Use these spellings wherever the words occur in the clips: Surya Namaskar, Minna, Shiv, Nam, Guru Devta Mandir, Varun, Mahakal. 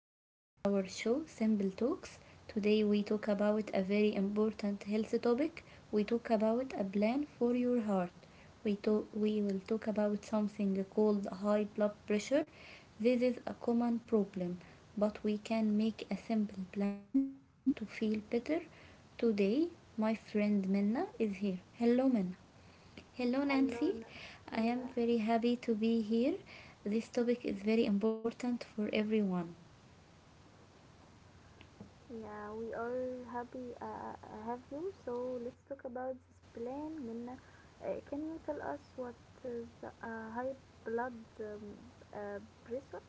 This is our show Simple Talks. Today we talk about a very important health topic. We talk about a plan for your heart. We will talk about something called high blood pressure. This is a common problem, but we can make a simple plan to feel better. Today my friend Minna is here. Hello Minna. Hello, Hello, Nancy. Nam. I am Yeah, very happy to be here. This topic is very important for everyone. yeah, we are happy have you. So let's talk about this plan. Minna, can you tell us what is the high blood um, pressure?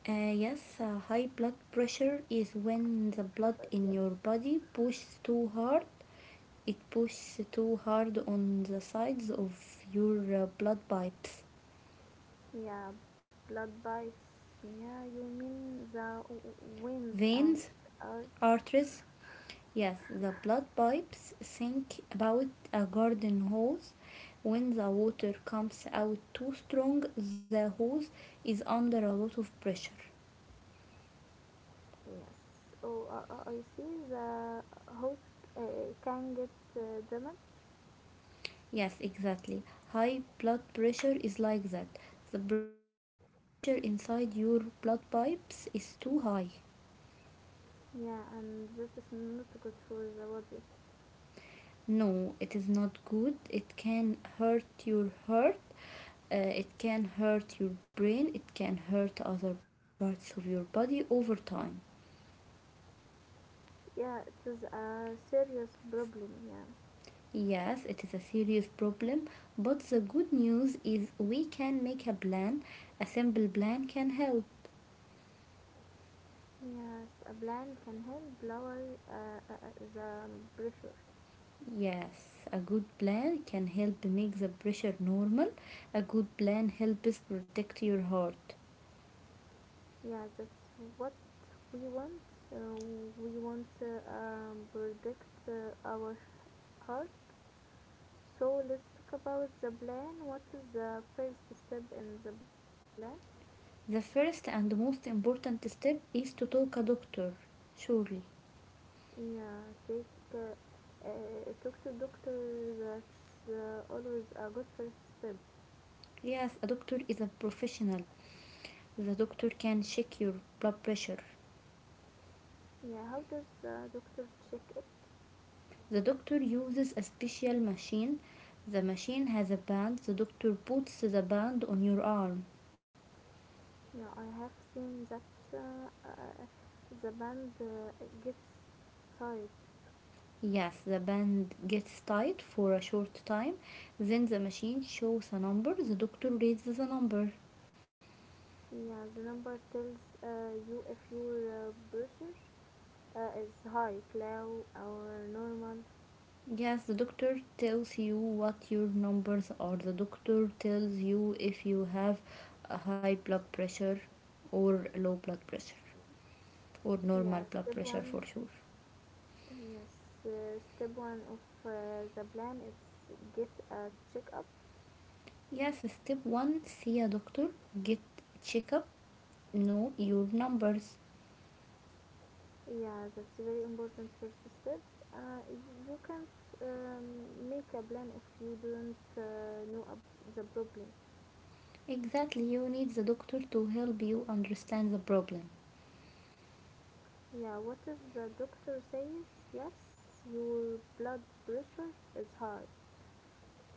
Yes, high blood pressure is when the blood Pressure, in yes. your body pushes too hard. It pushes too hard on the sides of your blood pipes, Yeah, blood pipes. Yeah, you mean the winds and veins, earth. arteries. Yes, the blood pipes sink about a garden hose. When the water comes out too strong, the hose is under a lot of pressure. Yes. Oh, I see the host can get damaged. Yes, exactly. High blood pressure is like that. The pressure inside your blood pipes is too high. Yeah, and that is not good for the body. No, it is not good. It can hurt your heart. It can hurt your brain. It can hurt other parts of your body over time. Yeah, it is a serious problem. Yeah, Yes, it is a serious problem, but the good news is we can make a plan. A simple plan can help. yes, a plan can help lower uh, uh, uh, the pressure. Yes, a good plan can help make the pressure normal. A good plan helps protect your heart. Yeah, that's what we want. Uh, we want to protect our heart. So let's talk about the plan. What is the first step in the plan? The first and most important step is to talk a doctor. Surely. Yeah, take talk to doctor. That's always a good first step. Yes, a doctor is a professional. The doctor can check your blood pressure. Yeah, how does doctor check it? The doctor uses a special machine. The machine has a band. The doctor puts the band on your arm. Yeah, I have seen that uh, uh, the band gets tired. Yes, the band gets tight for a short time. Then the machine shows a number. The doctor reads the number. Yeah, the number tells you if your pressure is high, low, or normal. Yes, the doctor tells you what your numbers are. The doctor tells you if you have a high blood pressure or low blood pressure or Yeah, normal step blood pressure one. for sure. Yes, step one of the plan is get a checkup. Yes, step one, see a doctor, get checkup, know your numbers. Yeah, that's very important first step. You can't um, make a plan if you don't the problem. Exactly, you need the doctor to help you understand the problem. Yeah, what if the doctor says, yes, your blood pressure is high?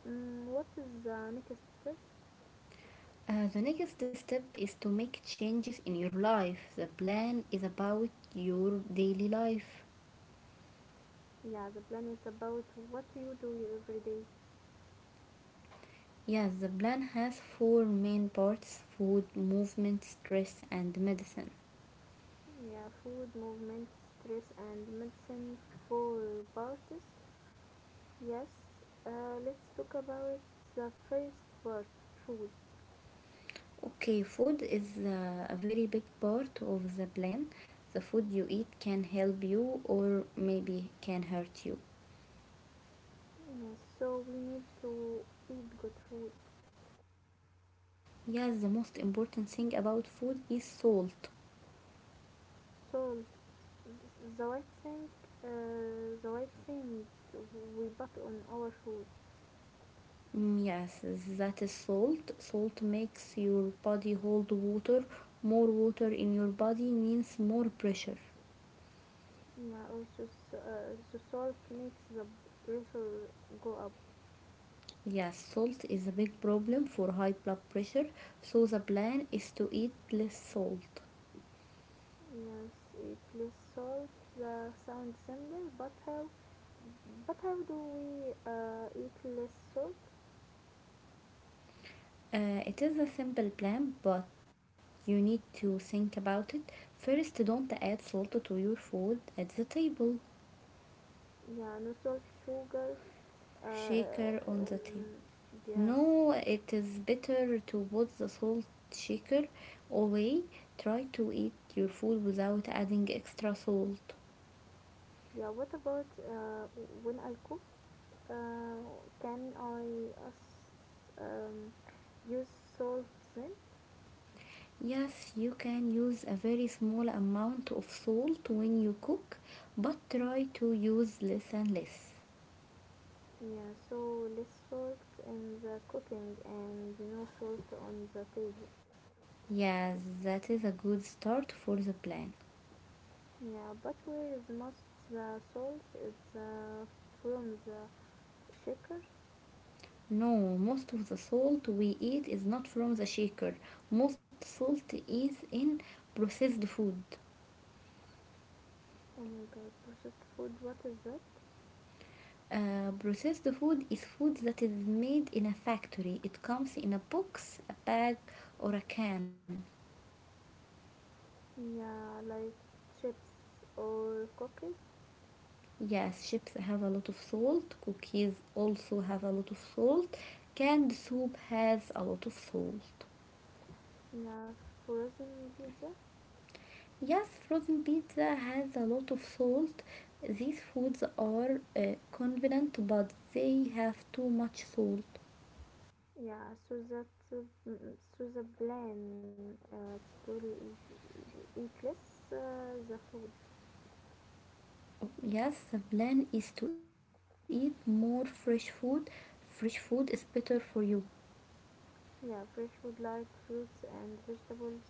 Mm, what is the next step? The next step is to make changes in your life. The plan is about your daily life. Yeah, the plan is about what you do every day. Yes, the plan has four main parts: food, movement, stress, and medicine. Yeah, food, movement, stress, and medicine for parties. Yes, let's talk about the first part food. Okay, food is a very big part of the plan. The food you eat can help you, or maybe can hurt you. Yes, so we need to eat good food. Yes, the most important thing about food is salt. Salt, Th- the white thing, the white thing we put on our food. Mm, yes, that is salt. Salt makes your body hold water. More water in your body means more pressure. Yeah, also the salt makes the pressure go up. Yes, salt is a big problem for high blood pressure, so the plan is to eat less salt. Yes, it less salt. The sound simple, but how? But how do we eat less salt? It is a simple plan, but you need to think about it. First, don't add salt to your food at the table. Yeah, no salt, sugar. Uh, Shaker on the table. um, yes. No, it is better to put the salt shaker away. Try to eat your food without adding extra salt. Yeah. What about when I cook? Can I um, use salt then? Yes, you can use a very small amount of salt when you cook, but try to use less and less. Yeah, so less salt in the cooking and no salt on the table. Yes, that is a good start for the plan. Yeah, but where is most the salt? It's from the shaker. No, most of the salt we eat is not from the shaker. Most salt is in processed food. Oh my god, processed food, what is that? Processed food is food that is made in a factory. It comes in a box, a bag, or a can. Yeah, like chips or cookies. Yes, chips have a lot of salt. Cookies also have a lot of salt. Canned soup has a lot of salt. Yeah, frozen pizza. Yes, frozen pizza has a lot of salt. These foods are convenient, but they have too much salt. Ja, Suza, Suza plan eat less the food. Yes, the plan is to eat more fresh food. Fresh food is better for you. Yeah, fresh food like fruits and vegetables.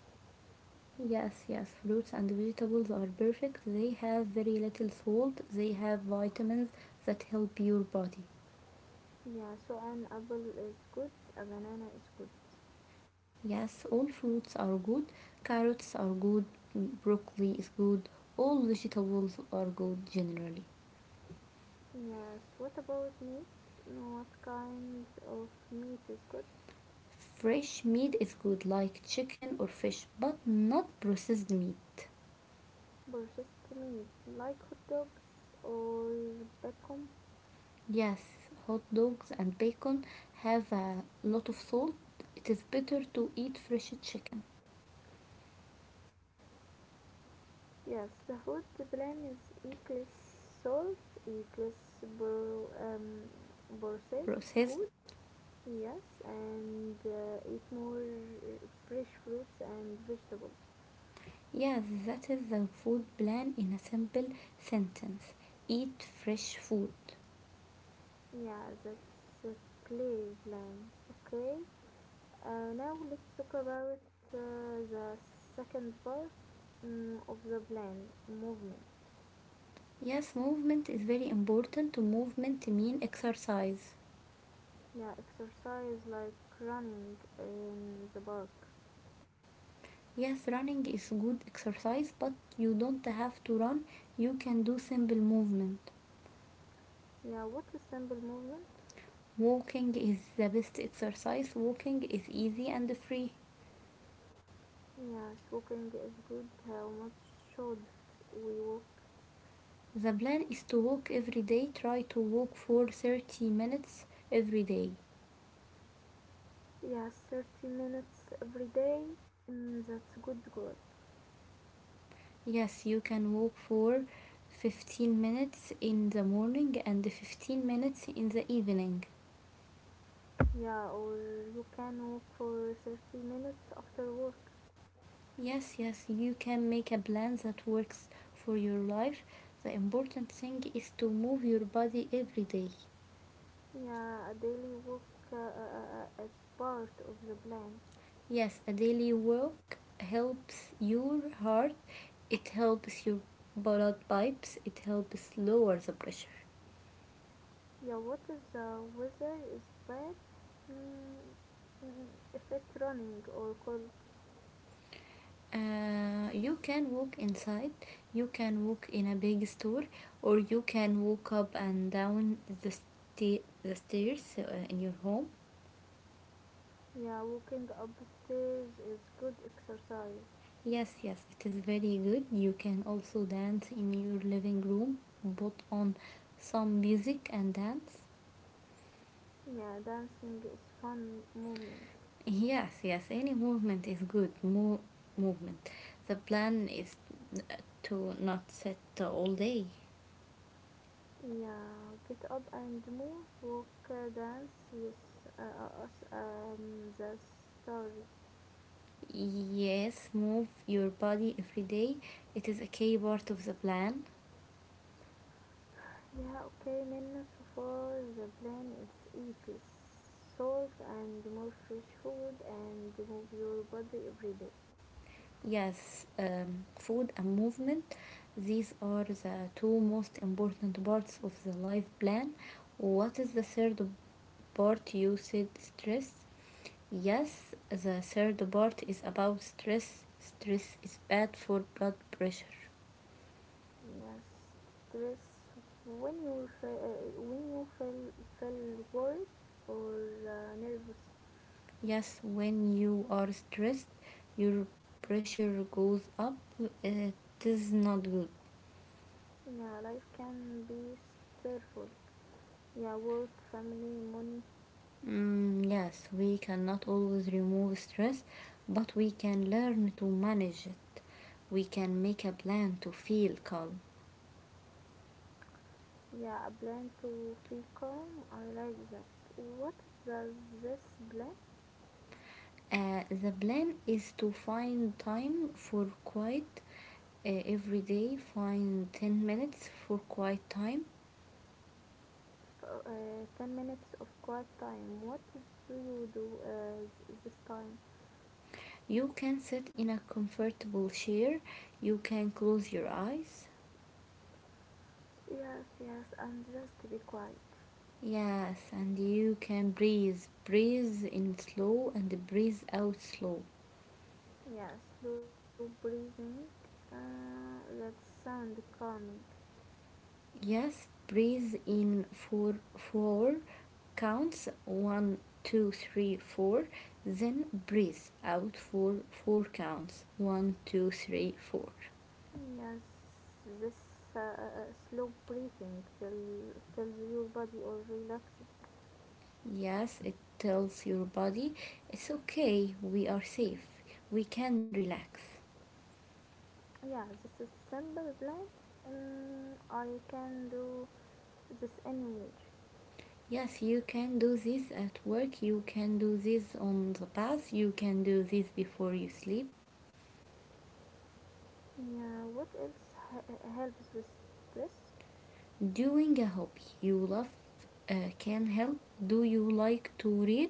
Yes, yes, fruits and vegetables are perfect. They have very little salt. They have vitamins that help your body. Yeah, so an apple is good, a banana is good. Yes, all fruits are good. Carrots are good. Broccoli is good. All vegetables are good generally. Yes, what about meat? No, what kind of meat is good? Fresh meat is good, like chicken or fish, but not processed meat. Processed meat, like hot dogs or bacon. Yes, hot dogs and bacon have a lot of salt. It is better to eat fresh chicken. Yes, the food plan is equals salt, equals processed Processed food. Yes, and eat more fresh fruits and vegetables. Yes, that is the food plan in a simple sentence. Eat fresh food. Yeah, that's a clear plan. Okay, now let's talk about the second part of the plan movement. Yes, movement is very important. Movement mean exercise. Yeah, exercise like running in the park. Yes, running is good exercise, but you don't have to run. You can do simple movement. Yeah, what is simple movement? Walking is the best exercise. Walking is easy and free. Yes, walking is good. How much should we walk? The plan is to walk every day. Try to walk for 30 minutes every day. Yes, 30 minutes every day. Mm, that's a good goal. Yes, you can walk for 15 minutes in the morning and 15 minutes in the evening. Yeah, or you can walk for 30 minutes after work. Yes, yes, you can make a plan that works for your life. The important thing is to move your body every day. Yeah, a daily walk uh, uh, is part of the plan. Yes, a daily walk helps your heart, it helps your blood pipes, it helps lower the pressure. Yeah, what is the weather is bad? Mm, mm, if it's running or cold. You can walk inside, you can walk in a big store, or you can walk up and down the stairs in your home. Yeah, walking upstairs is good exercise. Yes, yes, it is very good. You can also dance in your living room, put on some music and dance. Yeah, dancing is fun movement. Yes, yes, any movement is good. Movement. The plan is to not sit all day. Yeah, get up and move, walk, dance, yes, the stars. Yes, move your body every day. It is a key part of the plan. Yeah, okay, Minna, so far the plan is eat less salt and more fresh food and move your body every day. Yes, food and movement. These are the two most important parts of the life plan. What is the third part? You said stress. Yes, the third part is about stress. Stress is bad for blood pressure. Yes, stress when you feel, feel worried or nervous. Yes, when you are stressed, your pressure goes up. It is not good. Yeah, life can be stressful. Yeah, work, family, money. Mm, yes, we cannot always remove stress, but we can learn to manage it. We can make a plan to feel calm. Yeah, a plan to feel calm. I like that. What does this blend The plan is to find time for quiet every day. Find 10 minutes for quiet time. 10 minutes of quiet time. What do you do this time? You can sit in a comfortable chair, you can close your eyes. Yes, yes, and just be quiet. Yes, and you can breathe. Breathe in slow and breathe out slow. Yes, slow breathing. That sound calming. Yes, breathe in for four counts: one, two, three, four. Then breathe out for four counts: one, two, three, four. Yes, this slow breathing tells your body or relaxing. Yes, it tells your body it's okay, we are safe, we can relax. Yeah, this is simple plan. I can do this image. Yes, you can do this at work, you can do this on the bath, you can do this before you sleep. Yeah, what else helps with stress? Doing a hobby you love can help. Do you like to read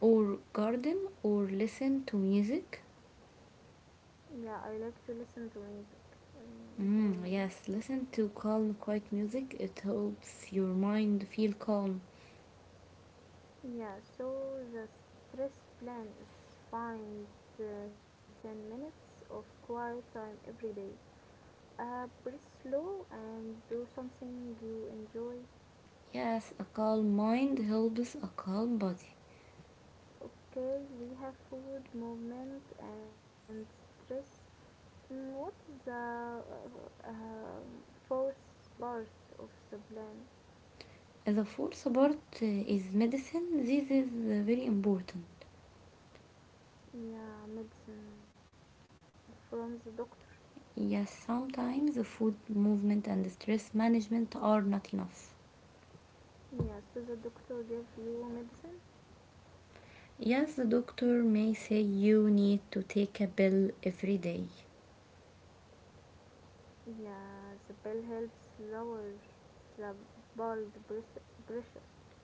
or garden or listen to music? Yeah, I like to listen to music, very. Mm, yes, listen to calm, quiet music. It helps your mind feel calm. Yeah, so the stress plan is find 10 minutes of quiet time every day, breathe slow and do something you enjoy. Yes, a calm mind helps a calm body. Okay, we have food movement and stress. Mm, what is the uh, um, fourth part of the plan? The fourth part is medicine. This is very important. Yeah, medicine from the doctor. Yes, sometimes the food, movement, and stress management are not enough. Yeah, so the doctor gave you medicine? Yes, the doctor may say you need to take a pill every day. Yeah, the pill helps lower the blood pres- pressure.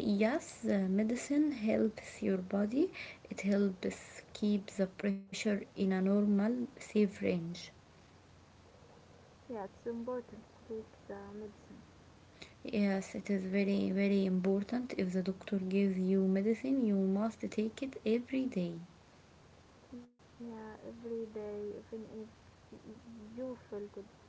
Yes, medicine helps your body. It helps keep the pressure in a normal, safe range. Yeah, it's important to take the medicine. Yes, it is very, very important. If the doctor gives you medicine, you must take it every day. Yeah, every day, even if you feel good.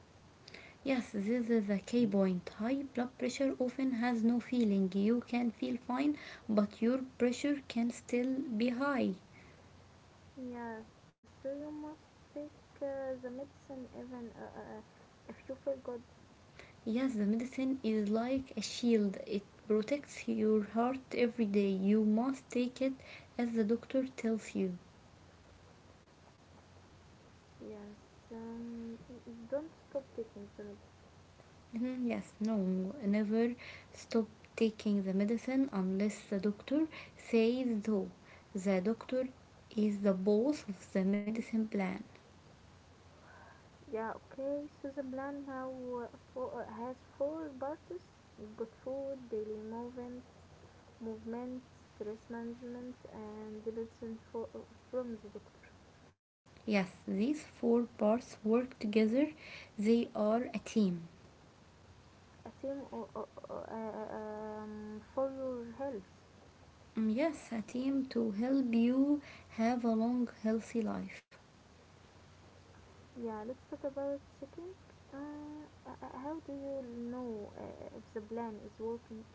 Yes, this is a key point. High blood pressure often has no feeling. You can feel fine, but your pressure can still be high. Yeah, so you must take the medicine even if you feel good. Yes, the medicine is like a shield. It protects your heart every day. You must take it as the doctor tells you. Yes. Um, don't stop taking summits. Mhm, yes, no, never stop taking the medicine unless the doctor says so. The doctor is the boss of the medicine plan. Yeah, okay. So the plan now fo has four parts: good food, daily movement, stress management, and the medicine for, from the doctor. Yes, these four parts work together. They are a team. A team for your health. Mm, yes, a team to help you have a long, healthy life. Yeah, let's talk about checking. How do you know if the plan is working?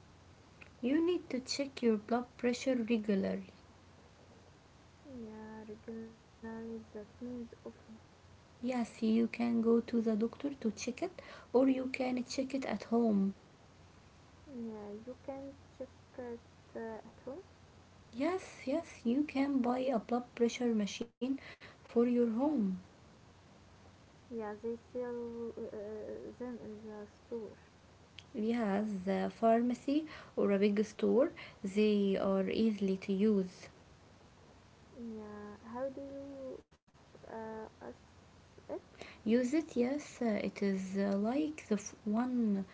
You need to check your blood pressure regularly. Yeah, regularly that means often. Yes, you can go to the doctor to check it, or you can check it at home. Yeah, you can check it at home. Yes, yes, you can buy a blood pressure machine for your home. Yeah, they sell them in the store. Yes, the pharmacy or a big store, they are easily to use. Yeah, how do you ask it? Use it, yes, it is like the one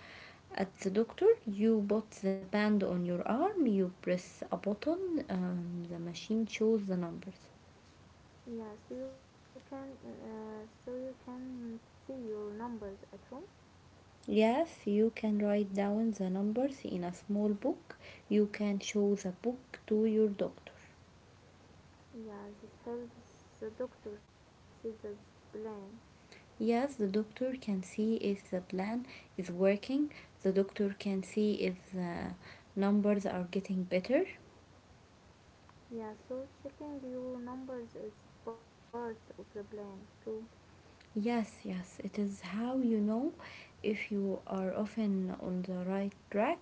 at the doctor. You put the band on your arm, you press a button, the machine shows the numbers. Yeah, so you can see your numbers at home. Yes, you can write down the numbers in a small book. You can show the book to your doctor. Yeah, this helps the doctor see the plan. Yes, the doctor can see if the plan is working. The doctor can see if the numbers are getting better. Yeah, so checking your numbers is part of the plan too. Yes, yes, it is how you know if you are often on the right track.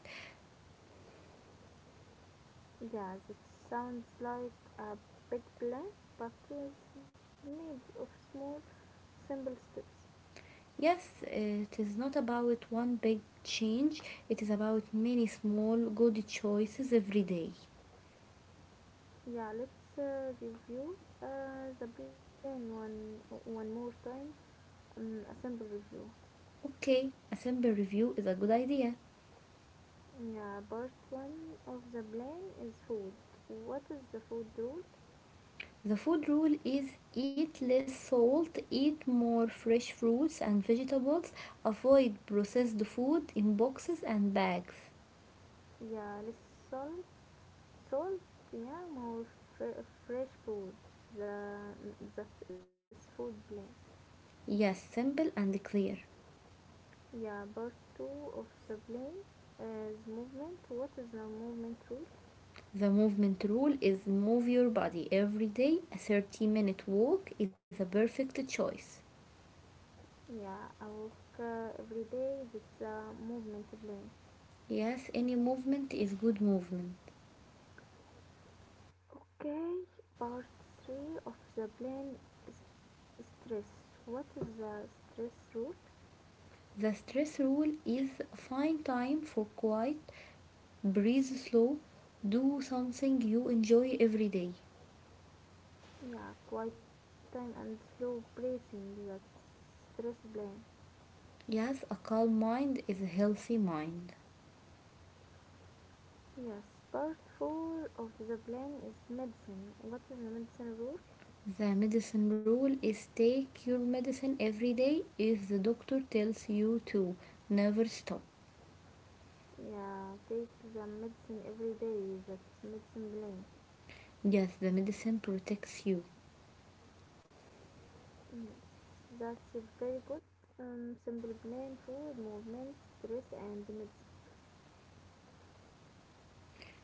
Yes, it sounds like a big plan, but it's made of small, simple steps. Yes, it is not about one big change, it is about many small good choices every day. Yeah, let's review the plan one more time. A simple review. Okay, a simple review is a good idea. Yeah, part one of the plan is food. What is the food rule? The food rule is: eat less salt, eat more fresh fruits and vegetables, avoid processed food in boxes and bags. Yeah, let's solve salt. Yeah, more fresh food. The That is food plan. Yes, simple and clear. Yeah, part two of the plane is movement. What is the movement rule? The movement rule is: move your body every day. A 30-minute walk is a perfect choice. Yeah, I walk every day. That's the movement plane. Yes, any movement is good movement. Okay, part three of the plane is stress. What is the stress rule? The stress rule is: find time for quiet. Breathe slow. Do something you enjoy every day. Yeah, quiet time and slow breathing. That's stress plane. Yes, a calm mind is a healthy mind. Yes, part four of the plan is medicine. What is the medicine rule? The medicine rule is: take your medicine every day if the doctor tells you to. Never stop. Yeah, take the medicine every day. That's medicine plan. Yes, the medicine protects you. Yes, that's very good. Simple plan, food, movement, stress, and meds.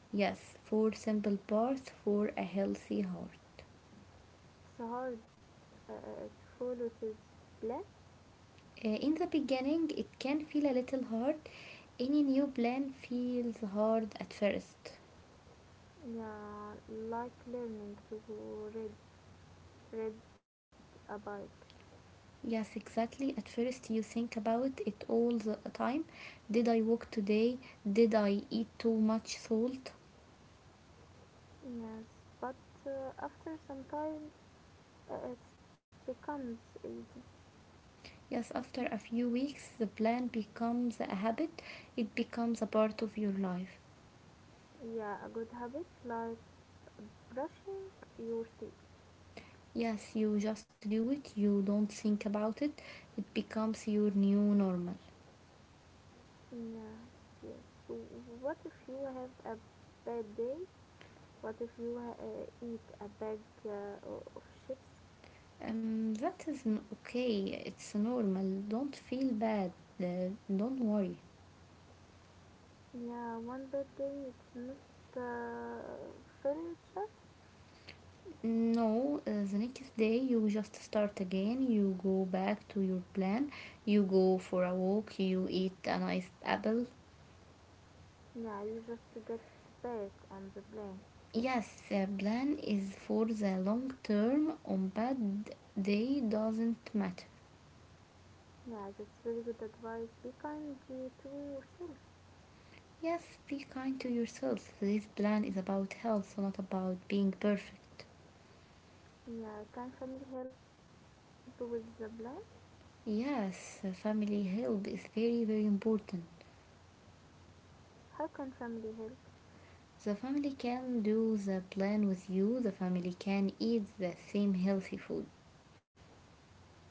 Yes, four simple parts for a healthy heart. It's hard to follow this plan. In the beginning, it can feel a little hard. Any new plan feels hard at first. Yeah, like learning to ride ride a bike. Yes, exactly. At first, you think about it all the time. Did I walk today? Did I eat too much salt? Yes, but after some time, it becomes easy. Yes, after a few weeks, the plan becomes a habit, it becomes a part of your life. Yeah, a good habit like brushing your teeth. Yes, you just do it, you don't think about it, it becomes your new normal. Yes, yes. So what if you have a bad day? What if you eat a bag of chips? That is okay, it's normal. Don't feel bad, don't worry. Yeah, one bad day it's not furniture. No, the next day you just start again. You go back to your plan. You go for a walk. You eat a nice apple. Yeah, you just get back on the plane. Yes, the plan is for the long term. On bad day doesn't matter. Yeah, that's very good advice. Be kind to yourself. Yes, be kind to yourself. This plan is about health, not about being perfect. Yeah, can family help with the plan? Yes, family help is very, very important. How can family help? The family can do the plan with you. The family can eat the same healthy food.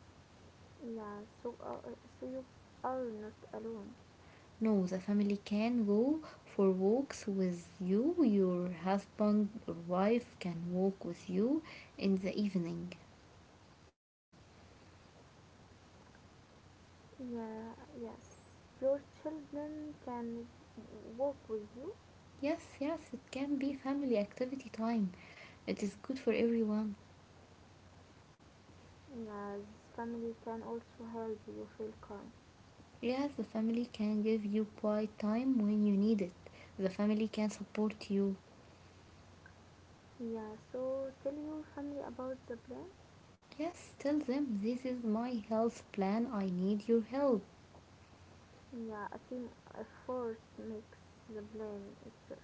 Yeah, so you are not alone. No, the family can go for walks with you. Your husband or wife can walk with you in the evening. Yeah, yes, your children can walk with you. Yes, yes, it can be family activity time. It is good for everyone. Yes, family can also help you feel calm. Yes, the family can give you quiet time when you need it. The family can support you. Yeah, so tell your family about the plan. Yes, tell them this is my health plan. I need your help. Yeah, a team effort makes the plan itself.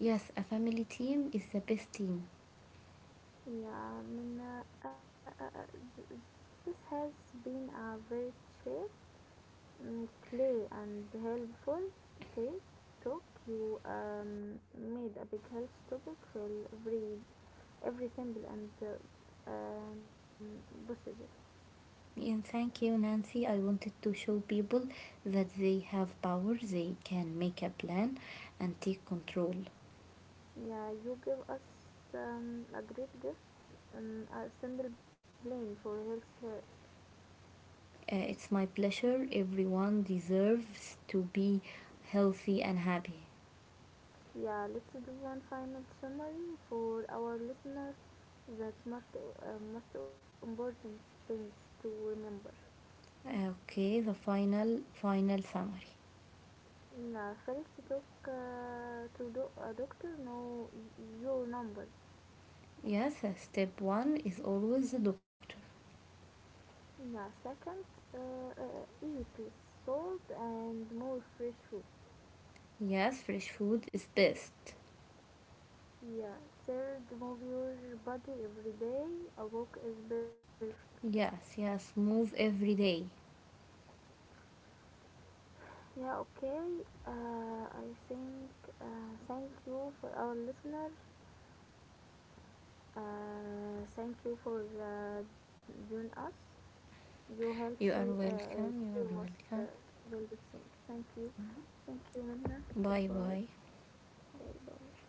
Yes, a family team is the best team. Yeah, Minna, th- th- this has been a very chill, play and helpful take talk. You made a big health topic feel every simple and possible. And thank you, Nancy. I wanted to show people that they have power, they can make a plan and take control. Yeah, you give us a great gift, a simple plan for health here. It's my pleasure. Everyone deserves to be healthy and happy. Yeah, let's do one final summary for our listener. That's most, most important things to remember. Okay, the final summary. Yeah, first talk a doctor, know your numbers. Yes, step 1 is always the doctor. Yeah, second, eat less salt and more fresh food. Yes, fresh food is best. Yeah, third, move your body every day. A walk is perfect. Yes, yes, move every day. Yeah, okay. I think thank you for our listener. Thank you for joining us. Your healthy You are is welcome. your You most are welcome. valuable thing. Thank you. Thank you, Minna. Bye Goodbye. bye. Bye bye.